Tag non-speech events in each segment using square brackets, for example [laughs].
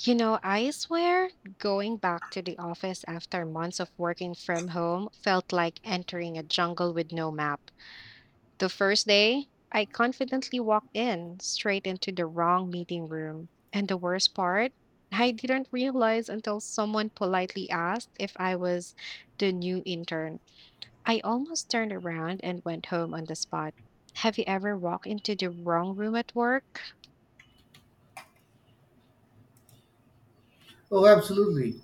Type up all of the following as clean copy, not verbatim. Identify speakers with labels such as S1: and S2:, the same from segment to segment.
S1: You know, I swear, going back to the office after months of working from home felt like entering a jungle with no map. The first day, I confidently walked in straight into the wrong meeting room. And the worst part, I didn't realize until someone politely asked if I was the new intern. I almost turned around and went home on the spot. Have you ever walked into the wrong room at work?
S2: Oh, absolutely.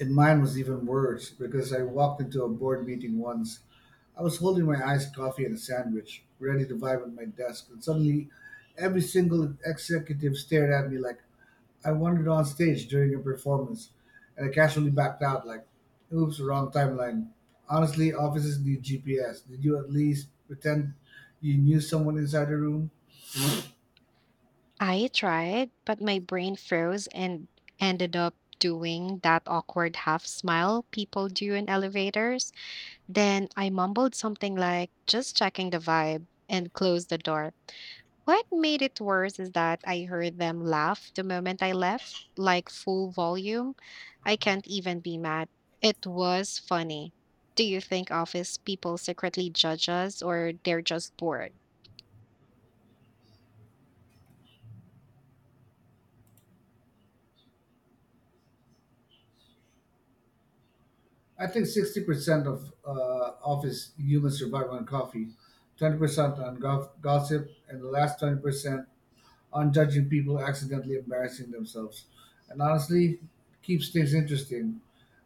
S2: And mine was even worse because I walked into a board meeting once. I was holding my iced coffee and a sandwich, ready to vibe at my desk, and suddenly every single executive stared at me like I wandered on stage during a performance. And I casually backed out like, oops, wrong timeline. Honestly, offices need GPS. Did you at least pretend you knew someone inside the room?
S1: I tried, but my brain froze and ended up doing that awkward half smile people do in elevators. Then I mumbled something like, just checking the vibe, and closed the door. What made it worse is that I heard them laugh the moment I left, like full volume. I can't even be mad. It was funny. Do you think office people secretly judge us or they're just bored?
S2: I think 60% of office humans survive on coffee, 20% on gossip, and the last 20% on judging people accidentally embarrassing themselves. And honestly, it keeps things interesting.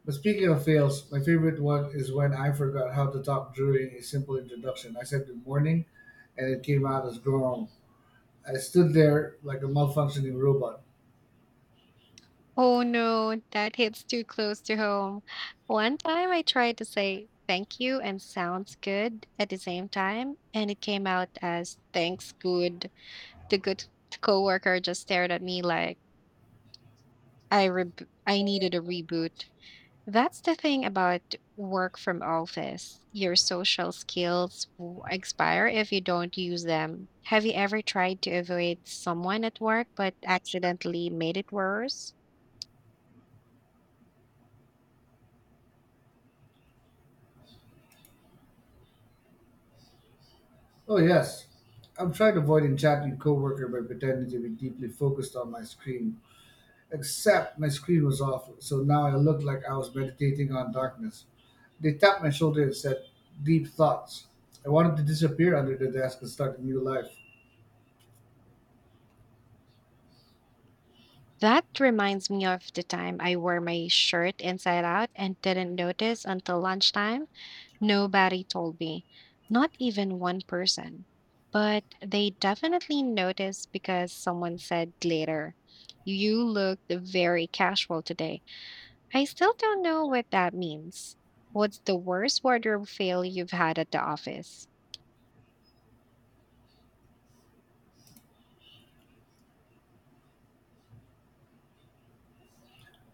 S2: But speaking of fails, my favorite one is when I forgot how to talk during a simple introduction. I said good morning, and it came out as grown. I stood there like a malfunctioning robot.
S1: Oh no, that hits too close to home. One time I tried to say thank you and sounds good at the same time, and it came out as thanks good. The good coworker just stared at me like I needed a reboot. That's the thing about work from office. Your social skills expire if you don't use them. Have you ever tried to avoid someone at work but accidentally made it worse?
S2: Oh, yes. I've tried avoiding chatting coworker by pretending to be deeply focused on my screen except my screen was off, so now I looked like I was meditating on darkness. They tapped my shoulder and said, Deep thoughts. I wanted to disappear under the desk and start a new life.
S1: That reminds me of the time I wore my shirt inside out and didn't notice until lunchtime. Nobody told me, not even one person. But they definitely noticed because someone said later, you looked very casual today. I still don't know what that means. What's the worst wardrobe fail you've had at the office?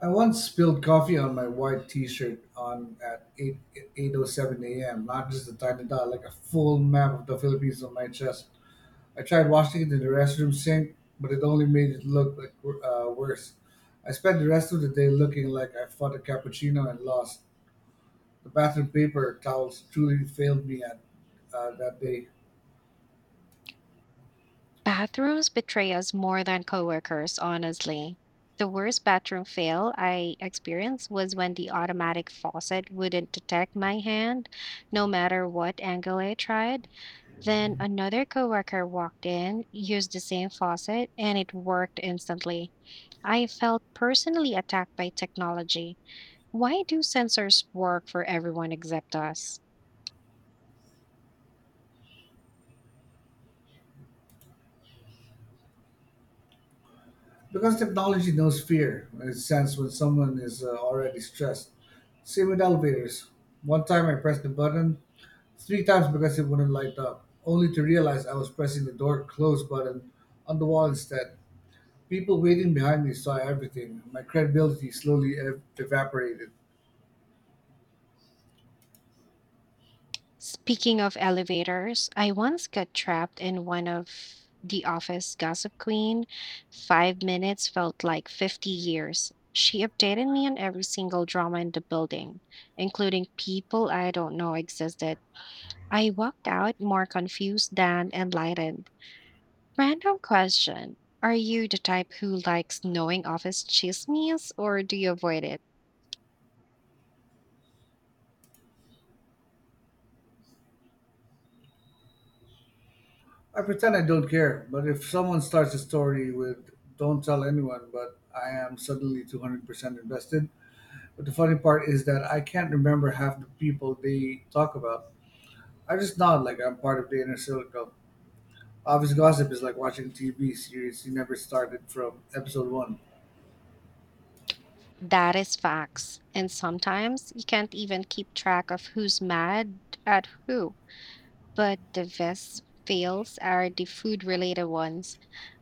S2: I once spilled coffee on my white T-shirt on at 8:07 a.m., not just a tiny dot, like a full map of the Philippines on my chest. I tried washing it in the restroom sink, but it only made it look like worse. I spent the rest of the day looking like I fought a cappuccino and lost. The bathroom paper towels truly failed me at that day
S1: Bathrooms betray us more than coworkers, honestly. The worst bathroom fail I experienced was when the automatic faucet wouldn't detect my hand, no matter what angle I tried. Then another coworker walked in, used the same faucet, and it worked instantly. I felt personally attacked by technology. Why do sensors work for everyone except us?
S2: because technology knows fear and it sense when someone is already stressed. Same with elevators. One time I pressed the button 3 times because it wouldn't light up, only to realize I was pressing the door close button on the wall instead. People waiting behind me saw everything. My credibility slowly evaporated.
S1: Speaking of elevators, I once got trapped in one of the office gossip queen. 5 minutes felt like 50 years. She updated me on every single drama in the building, including people I don't know existed. I walked out more confused than enlightened. Random question, are you the type who likes knowing office chismes or do you avoid it?
S2: I pretend I don't care, but if someone starts a story with "Don't tell anyone," but I am suddenly 200% invested. But the funny part is that I can't remember half the people they talk about. I just nod like I'm part of the inner circle. Office gossip is like watching TV series you never started from episode one.
S1: That is facts. And sometimes you can't even keep track of who's mad at who. But the best fails are the food related ones.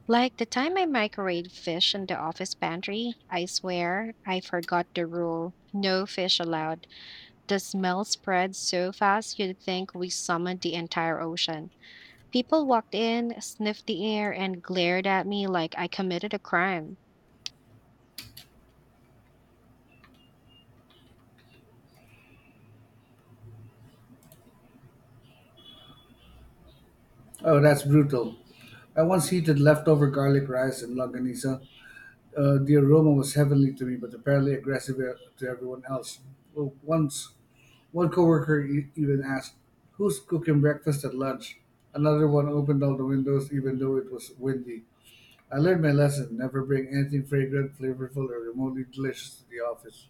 S1: Like the time I microwaved fish in the office pantry, I swear I forgot the rule no fish allowed. The smell spread so fast you'd think we summoned the entire ocean. People walked in, sniffed the air, and glared at me like I committed a crime.
S2: Oh, that's brutal. I once heated leftover garlic rice and longanisa. The aroma was heavenly to me, but apparently aggressive to everyone else. Well, once one coworker even asked, "Who's cooking breakfast at lunch?" Another one opened all the windows, even though it was windy. I learned my lesson never bring anything fragrant, flavorful, or remotely delicious to the office.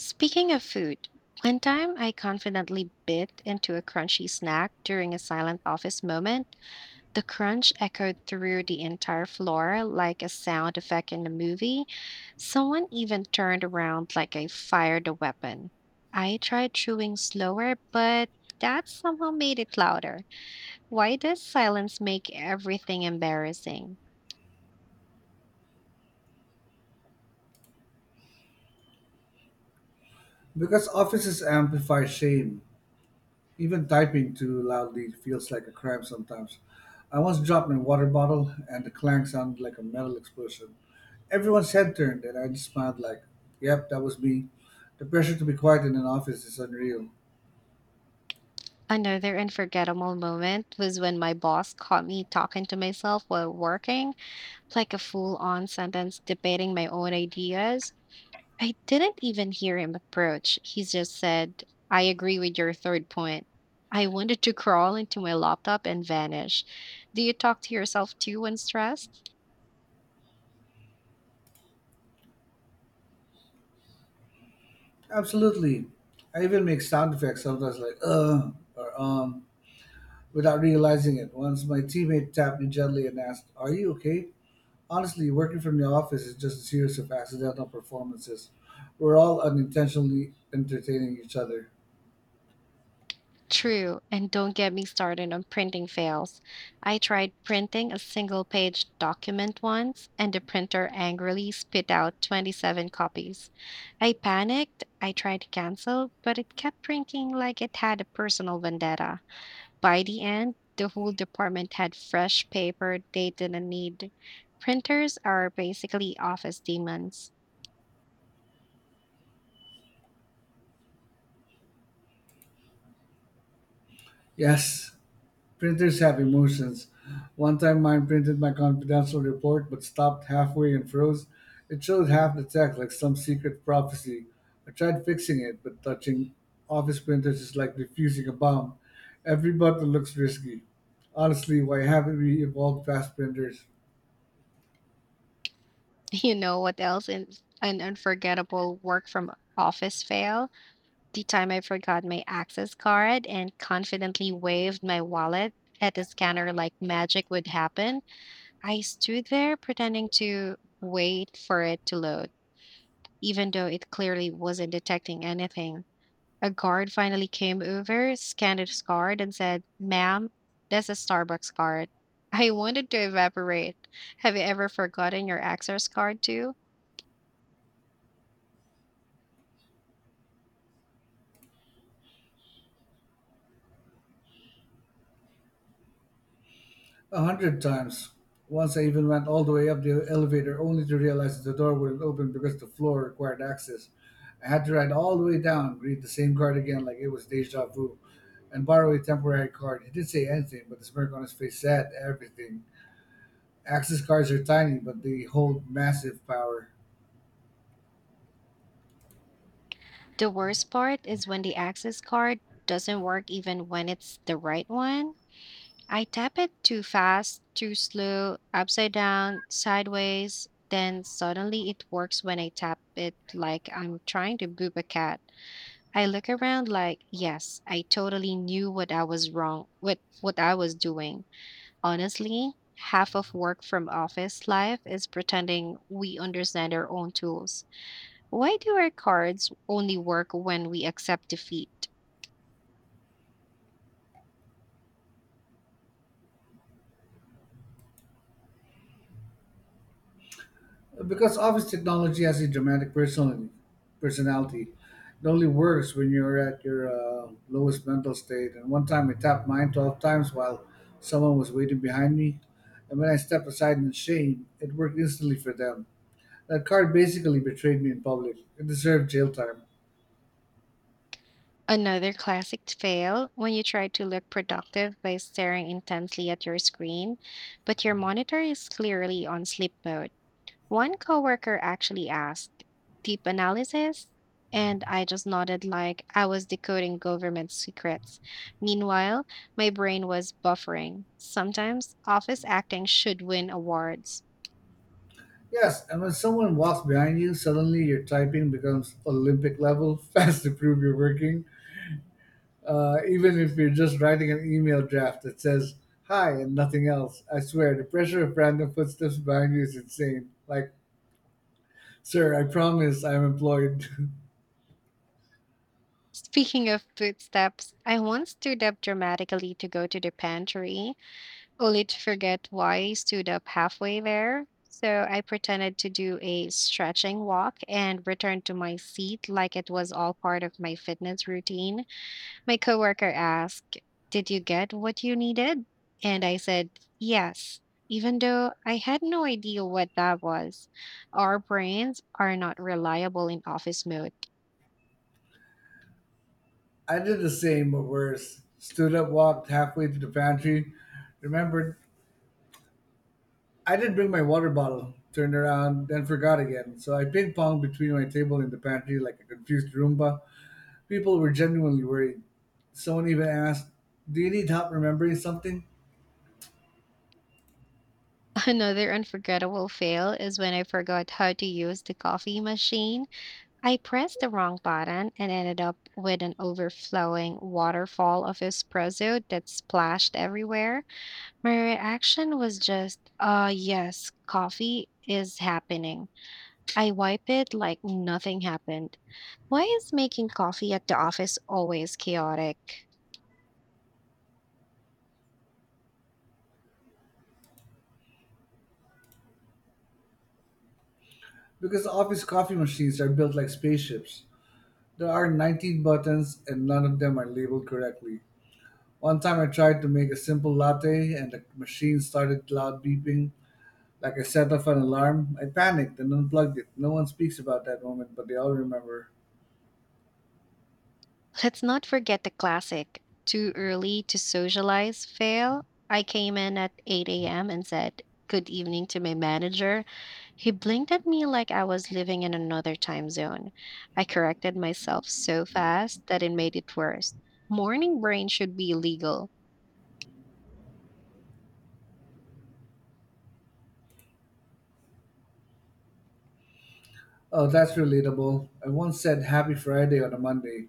S1: Speaking of food, one time I confidently bit into a crunchy snack during a silent office moment. The crunch echoed through the entire floor like a sound effect in a movie. Someone even turned around like I fired a weapon. I tried chewing slower, but that somehow made it louder. Why does silence make everything embarrassing?
S2: Because offices amplify shame. Even typing too loudly feels like a crime sometimes. I once dropped my water bottle, and the clang sounded like a metal explosion. Everyone's head turned, and I just smiled like, yep, that was me. The pressure to be quiet in an office is unreal.
S1: Another unforgettable moment was when my boss caught me talking to myself while working, like a full on sentence debating my own ideas. I didn't even hear him approach. He just said, I agree with your third point. I wanted to crawl into my laptop and vanish. Do you talk to yourself too when stressed?
S2: Absolutely. I even make sound effects sometimes like, or without realizing it. Once my teammate tapped me gently and asked, Are you okay? Honestly, working from the office is just a series of accidental performances. We're all unintentionally entertaining each other.
S1: True, and don't get me started on printing fails. I tried printing a single page document once, and the printer angrily spit out 27 copies. I panicked, I tried to cancel, but it kept printing like it had a personal vendetta. By the end, the whole department had fresh paper they didn't need. Printers are basically office demons.
S2: Yes, printers have emotions. One time mine printed my confidential report but stopped halfway and froze. It showed half the text like some secret prophecy. I tried fixing it, but touching office printers is like defusing a bomb. Every button looks risky. Honestly, why haven't we evolved fast printers?
S1: [laughs] You know what else is an unforgettable work from office fail? The time I forgot my access card and confidently waved my wallet at the scanner like magic would happen. I stood there pretending to wait for it to load, even though it clearly wasn't detecting anything. A guard finally came over, scanned his card, and said, ma'am, that's a Starbucks card. I wanted to evaporate. Have you ever forgotten your access card too?
S2: A hundred times. Once I even went all the way up the elevator only to realize that the door wouldn't open because the floor required access. I had to ride all the way down, read the same card again like it was deja vu, and borrow a temporary card. He didn't say anything, but the smirk on his face said everything. Access cards are tiny, but they hold massive power.
S1: The worst part is when the access card doesn't work even when it's the right one. I tap it too fast, too slow, upside down, sideways, then suddenly it works when I tap it like I'm trying to boop a cat. I look around like, yes, I totally knew what I was wrong with what I was doing. Honestly, half of work from office life is pretending we understand our own tools. Why do our cards only work when we accept defeat?
S2: Because office technology has a dramatic personality. Personality, it only works when you're at your lowest mental state. And one time I tapped mine 12 times while someone was waiting behind me, and when I stepped aside in shame, it worked instantly for them. That card basically betrayed me in public. It deserved jail time.
S1: Another classic fail, when you try to look productive by staring intensely at your screen, but your monitor is clearly on sleep mode. One coworker actually asked, deep analysis? And I just nodded like I was decoding government secrets. Meanwhile, my brain was buffering. Sometimes office acting should win awards.
S2: Yes, and when someone walks behind you, suddenly your typing becomes Olympic level, [laughs] fast to prove you're working. Even if you're just writing an email draft that says hi and nothing else, I swear the pressure of random footsteps behind you is insane. Like, sir, I promise I'm employed.
S1: [laughs] Speaking of footsteps, I once stood up dramatically to go to the pantry, only to forget why I stood up halfway there. So I pretended to do a stretching walk and returned to my seat like it was all part of my fitness routine. My coworker asked, did you get what you needed? And I said, yes, even though I had no idea what that was. Our brains are not reliable in office mode.
S2: [laughs] I did the same but worse. Stood up, walked halfway to the pantry, remembered I didn't bring my water bottle, turned around, then forgot again. So I ping ponged between my table and the pantry like a confused Roomba. People were genuinely worried. Someone even asked, Do you need help remembering something?
S1: [laughs] Another unforgettable fail is when I forgot how to use the coffee machine. I pressed the wrong button and ended up with an overflowing waterfall of espresso that splashed everywhere. My reaction was just, yes, coffee is happening. I wipe it like nothing happened. Why is making coffee at the office always chaotic?
S2: Because office coffee machines are built like spaceships. There are 19 buttons and none of them are labeled correctly. One time I tried to make a simple latte and the machine started loud beeping like I set off an alarm. I panicked and unplugged it. No one speaks about that moment, but they all remember.
S1: Let's not forget the classic too early to socialize fail. I came in at 8 a.m. and said, good evening to my manager. He blinked at me like I was living in another time zone. I corrected myself so fast that it made it worse. Morning brain should be illegal.
S2: Oh, that's relatable. I once said Happy Friday on a Monday.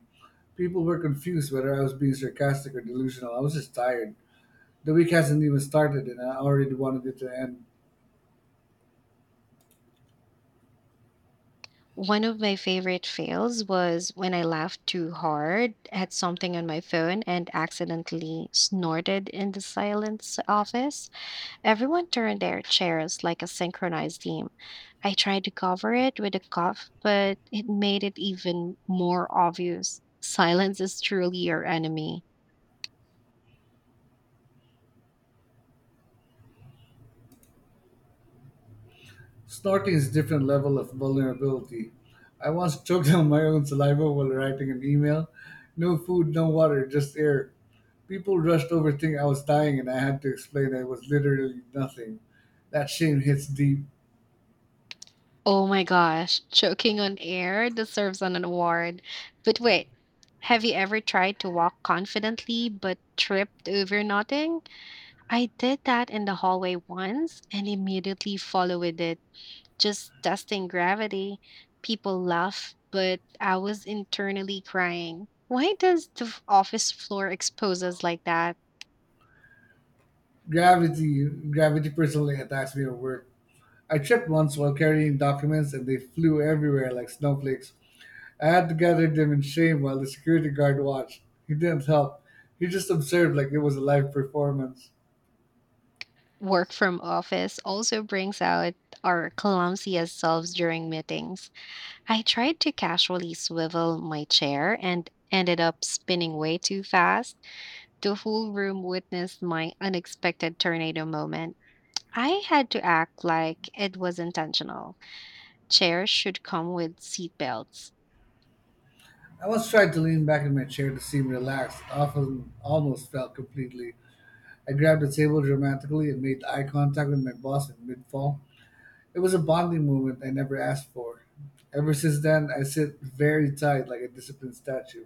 S2: People were confused whether I was being sarcastic or delusional. I was just tired. The week hasn't even started and I already wanted it to end.
S1: One of my favorite fails was when I laughed too hard at something on my phone and accidentally snorted in the silence office. Everyone turned their chairs like a synchronized team. I tried to cover it with a cough, but it made it even more obvious. Silence is truly your enemy.
S2: Snorting is a different level of vulnerability. I once choked on my own saliva while writing an email. No food, no water, just air. People rushed over thinking I was dying and I had to explain that it was literally nothing. That shame hits deep.
S1: Oh my gosh, choking on air deserves an award. But wait, have you ever tried to walk confidently but tripped over nothing? I did that in the hallway once and immediately followed it, just testing gravity. People laugh, but I was internally crying. Why does the office floor expose us like that?
S2: Gravity personally attacks me at work. I tripped once while carrying documents and they flew everywhere like snowflakes. I had to gather them in shame while the security guard watched. He didn't help. He just observed like it was a live performance.
S1: Work from office also brings out our clumsiest selves during meetings. I tried to casually swivel my chair and ended up spinning way too fast. The whole room witnessed my unexpected tornado moment. I had to act like it was intentional. Chairs should come with seatbelts.
S2: I once tried to lean back in my chair to seem relaxed, often almost felt completely. I grabbed the table dramatically and made eye contact with my boss in mid fall. It was a bonding moment I never asked for. Ever since then, I sit very tight like a disciplined statue.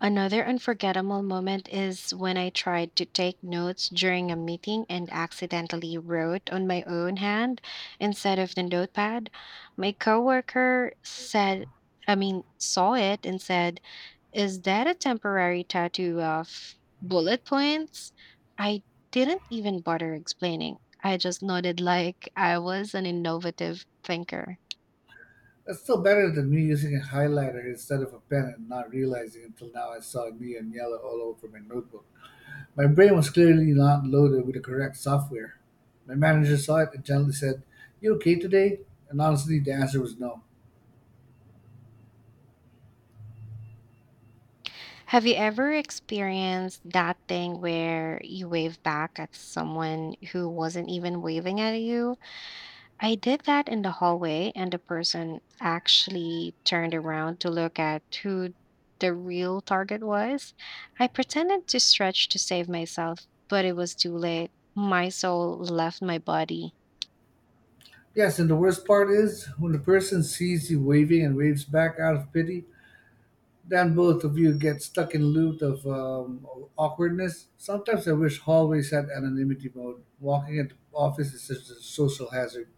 S1: Another unforgettable moment is when I tried to take notes during a meeting and accidentally wrote on my own hand instead of the notepad. My coworker said, I mean, saw it and said, is that a temporary tattoo of bullet points? I didn't even bother explaining. I just nodded like I was an innovative thinker.
S2: That's still better than me using a highlighter instead of a pen and not realizing until now I saw neon yellow all over my notebook. My brain was clearly not loaded with the correct software. My manager saw it and gently said, You okay today? And honestly, the answer was no.
S1: Have you ever experienced that thing where you wave back at someone who wasn't even waving at you? I did that in the hallway, and the person actually turned around to look at who the real target was. I pretended to stretch to save myself, but it was too late. My soul left my body.
S2: Yes, and the worst part is when the person sees you waving and waves back out of pity, then both of you get stuck in loop of awkwardness. Sometimes I wish hallways had anonymity mode. Walking into office is such a social hazard.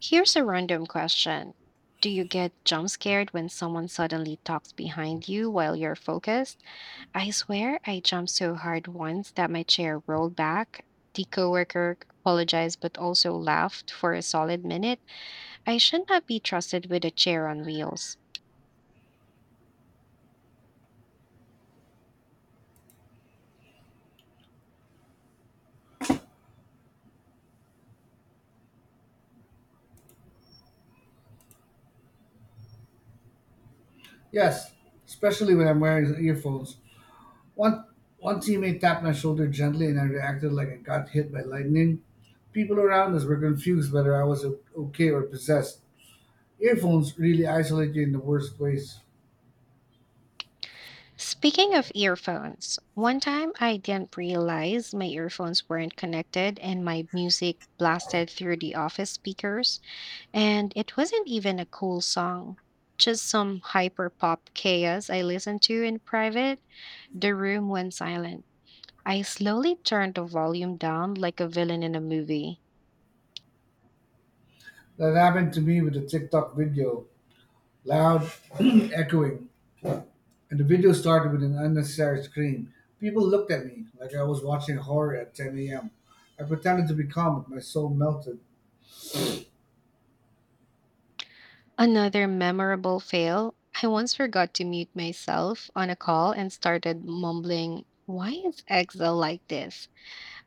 S1: Here's a random question, do you get jump scared when someone suddenly talks behind you while you're focused? I swear I jumped so hard once that my chair rolled back. The coworker apologized but also laughed for a solid minute. I should not be trusted with a chair on wheels.
S2: Yes, especially when I'm wearing earphones. One one teammate tapped my shoulder gently, and I reacted like I got hit by lightning. People around us were confused whether I was okay or possessed. Earphones really isolate you in the worst ways.
S1: Speaking of earphones, one time I didn't realize my earphones weren't connected and my music blasted through the office speakers, and it wasn't even a cool song. Just some hyper pop chaos I listened to in private. The room went silent. I slowly turned the volume down like a villain in a movie.
S2: That happened to me with a TikTok video. Loud, [clears throat] echoing, and the video started with an unnecessary scream. People looked at me like I was watching horror at 10 a.m. I pretended to be calm, but my soul melted.
S1: Another memorable fail. I once forgot to mute myself on a call and started mumbling, why is Excel like this?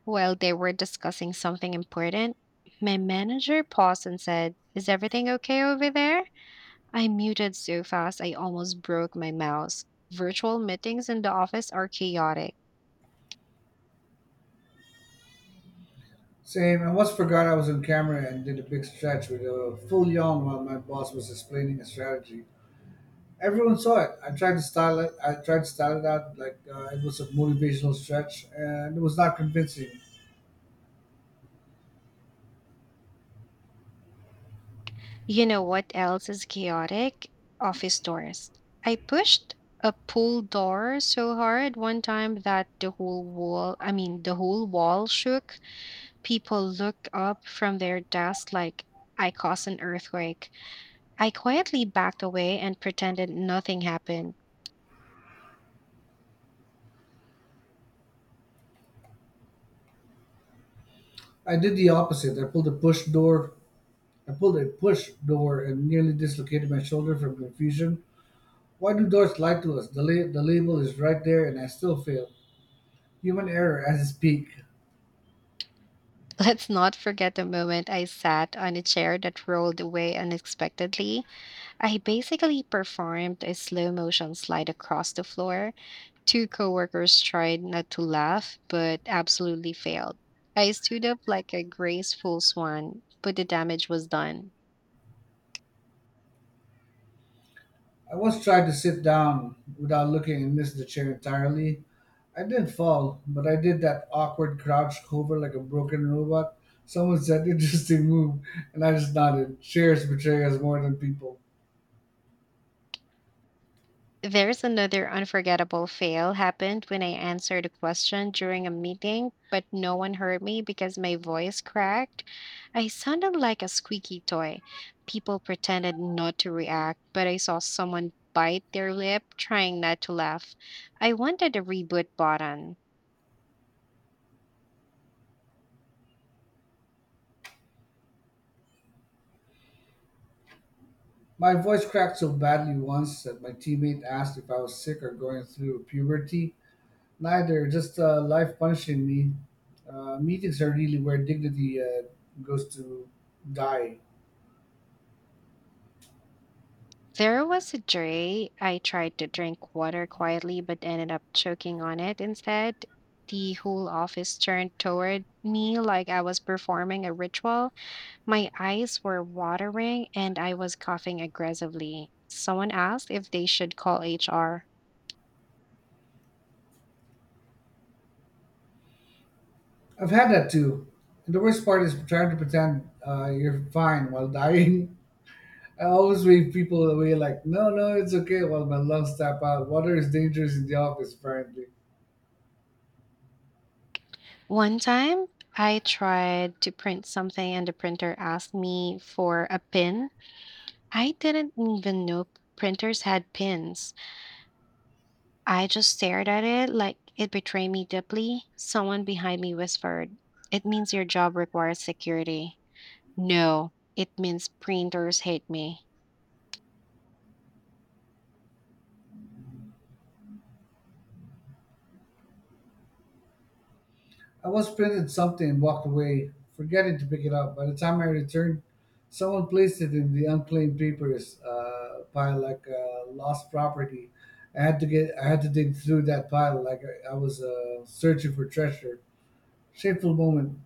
S1: While they were discussing something important, my manager paused and said, is everything okay over there? I muted so fast I almost broke my mouse. Virtual meetings in the office are chaotic.
S2: Same, I once forgot I was on camera and did a big stretch with a full yawn while my boss was explaining a strategy. Everyone saw it. I tried to style it out like it was a motivational stretch, and it was not convincing.
S1: You know what else is chaotic? Office doors. I pushed a pool door so hard one time that the whole wall, I mean, the whole wall shook. People looked up from their desks like I caused an earthquake. I quietly backed away and pretended nothing happened.
S2: I did the opposite. I pulled a push door and nearly dislocated my shoulder from confusion. Why do doors lie to us? The label is right there and I still fail. Human error at its peak.
S1: [laughs] Let's not forget the moment I sat on a chair that rolled away unexpectedly. I basically performed a slow motion slide across the floor. Two coworkers tried not to laugh, but absolutely failed. I stood up like a graceful swan, but the damage was done.
S2: I once tried to sit down without looking and missed the chair entirely. I didn't fall, but I did that awkward crouch hover like a broken robot. Someone said, interesting move, and I just nodded. Chairs betray us more than people.
S1: There's another unforgettable fail happened when I answered a question during a meeting, but no one heard me because my voice cracked. I sounded like a squeaky toy. People pretended not to react, but I saw someone bite their lip trying not to laugh. I wanted a reboot button.
S2: My voice cracked so badly once that my teammate asked if I was sick or going through puberty. Neither, just life punishing me. Meetings are really where dignity goes to die.
S1: There was a day I tried to drink water quietly but ended up choking on it instead. The whole office turned toward me like I was performing a ritual. My eyes were watering and I was coughing aggressively. Someone asked if they should call HR.
S2: I've had that too. And the worst part is trying to pretend you're fine while dying. [laughs] I always wave people away like, no, no, it's okay, while my lungs tap out. Water is dangerous in the office, apparently.
S1: One time, I tried to print something and the printer asked me for a pin. I didn't even know printers had pins. I just stared at it like it betrayed me deeply. Someone behind me whispered, It means your job requires security. No, it means printers hate me.
S2: I once printed something and walked away, forgetting to pick it up. By the time I returned, someone placed it in the unplain papers pile like lost property. I had to dig through that pile like I was searching for treasure. Shameful moment.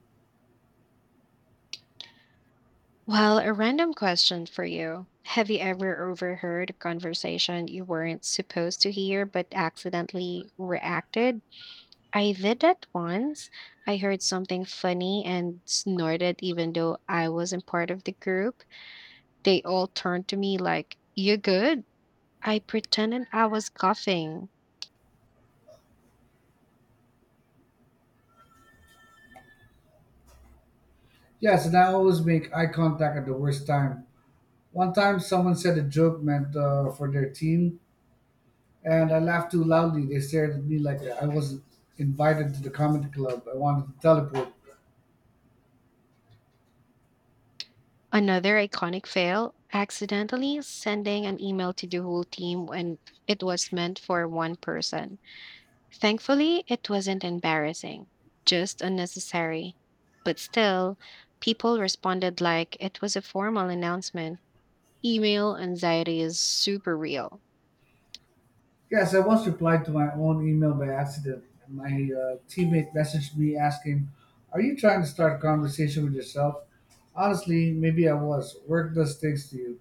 S1: Well, a random question for you. Have you ever overheard a conversation you weren't supposed to hear but accidentally reacted? I did that once. I heard something funny and snorted even though I wasn't part of the group. They all turned to me like, you good? I pretended I was coughing.
S2: Yes, and I always make eye contact at the worst time. One time, someone said a joke meant for their team, and I laughed too loudly. They stared at me like I wasn't invited to the comedy club. I wanted to teleport.
S1: Another iconic fail, accidentally sending an email to the whole team when it was meant for one person. Thankfully, it wasn't embarrassing, just unnecessary. But still, people responded like it was a formal announcement. Email anxiety is super real.
S2: Yes, I once replied to my own email by accident. My teammate messaged me asking, Are you trying to start a conversation with yourself? Honestly, maybe I was. Work does things to you.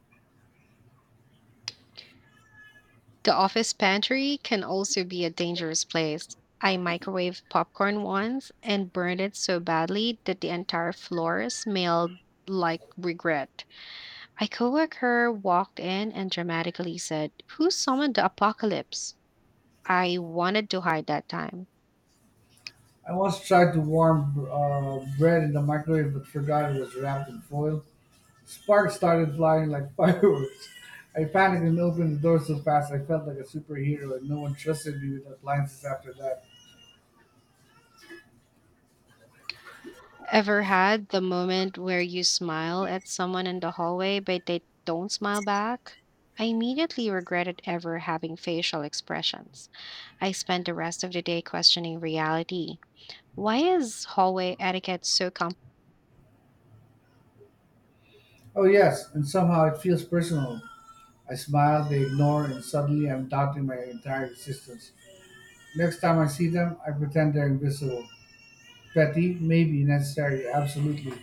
S1: The office pantry can also be a dangerous place. I microwaved popcorn once and burned it so badly that the entire floor smelled like regret. A coworker walked in and dramatically said, "Who summoned the apocalypse?" I wanted to hide that time.
S2: I once tried to warm bread in the microwave but forgot it was wrapped in foil. Sparks started flying like [laughs] fireworks. I panicked and opened the door so fast I felt like a superhero, and no one trusted me with appliances after that.
S1: Ever had the moment where you smile at someone in the hallway, but they don't smile back? I immediately regretted ever having facial expressions. I spent the rest of the day questioning reality. Why is hallway etiquette so complex?
S2: Oh, yes, and somehow it feels personal. I smile, they ignore, and suddenly I'm doubting my entire existence. Next time I see them, I pretend they're invisible. Petty, maybe necessary, absolutely.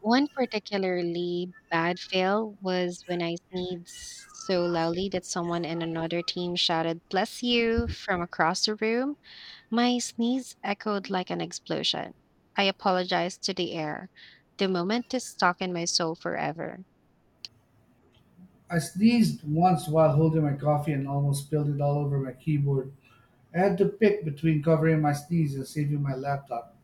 S1: One particularly bad fail was when I sneezed so loudly that someone in another team shouted, bless you, from across the room. My sneeze echoed like an explosion. I apologized to the air. The moment is stuck in my soul forever.
S2: I sneezed once while holding my coffee and almost spilled it all over my keyboard. I had to pick between covering my sneeze and saving my laptop.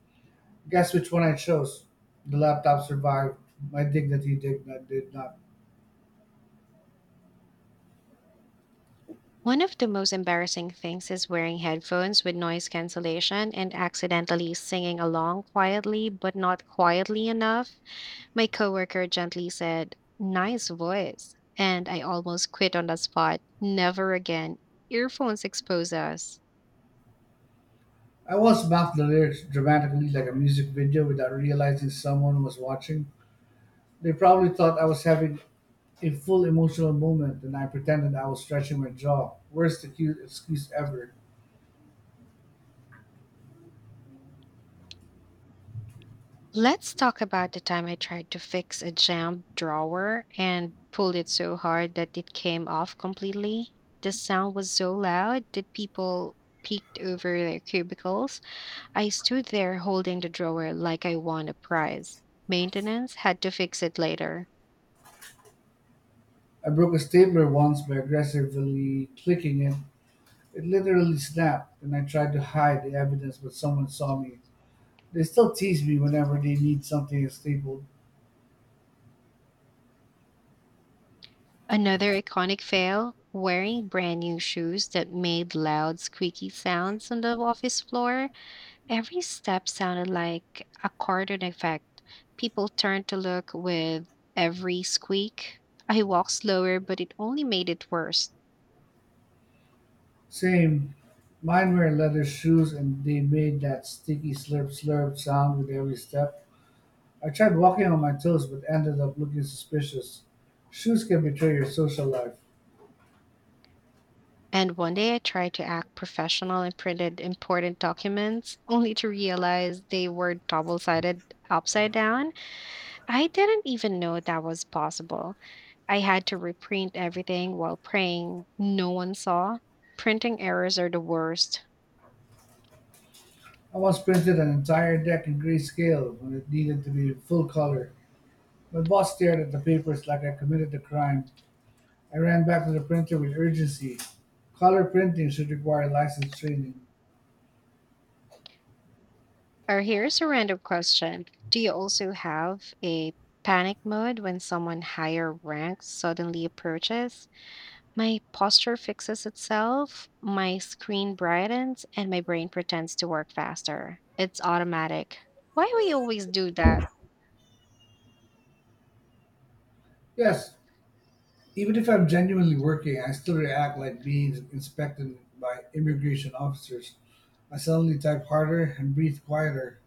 S2: Guess which one I chose? The laptop survived. My dignity did not. Did not.
S1: One of the most embarrassing things is wearing headphones with noise cancellation and accidentally singing along quietly, but not quietly enough. My coworker gently said, nice voice. And I almost quit on the spot. Never again. Earphones expose us.
S2: I once mouthed the lyrics dramatically like a music video without realizing someone was watching. They probably thought I was having a full emotional moment and I pretended I was stretching my jaw. Worst excuse ever.
S1: Let's talk about the time I tried to fix a jammed drawer and pulled it so hard that it came off completely. The sound was so loud that people peeked over their cubicles. I stood there holding the drawer like I won a prize. Maintenance had to fix it later.
S2: I broke a stapler once by aggressively clicking it. It literally snapped and I tried to hide the evidence but someone saw me. They still tease me whenever they need something stapled.
S1: Another iconic fail, wearing brand new shoes that made loud, squeaky sounds on the office floor. Every step sounded like a cartoon effect. People turned to look with every squeak. I walked slower, but it only made it worse.
S2: Same. Mine were leather shoes and they made that sticky slurp slurp sound with every step. I tried walking on my toes but ended up looking suspicious. Shoes can betray your social life.
S1: And one day I tried to act professional and printed important documents, [laughs] only to realize they were double sided upside down. I didn't even know that was possible. I had to reprint everything while praying no one saw. Printing errors are the worst.
S2: I once printed an entire deck in grayscale when it needed to be in full color. My boss stared at the papers like I committed a crime. I ran back to the printer with urgency. Color printing should require licensed training.
S1: Or here's a random question. Do you also have a panic mode when someone higher rank suddenly approaches? My posture fixes itself, my screen brightens, and my brain pretends to work faster. It's automatic. Why we always do that?
S2: Yes, even if I'm genuinely working, I still react like being inspected by immigration officers. I suddenly type harder and breathe quieter.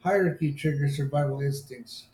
S2: Hierarchy triggers survival instincts.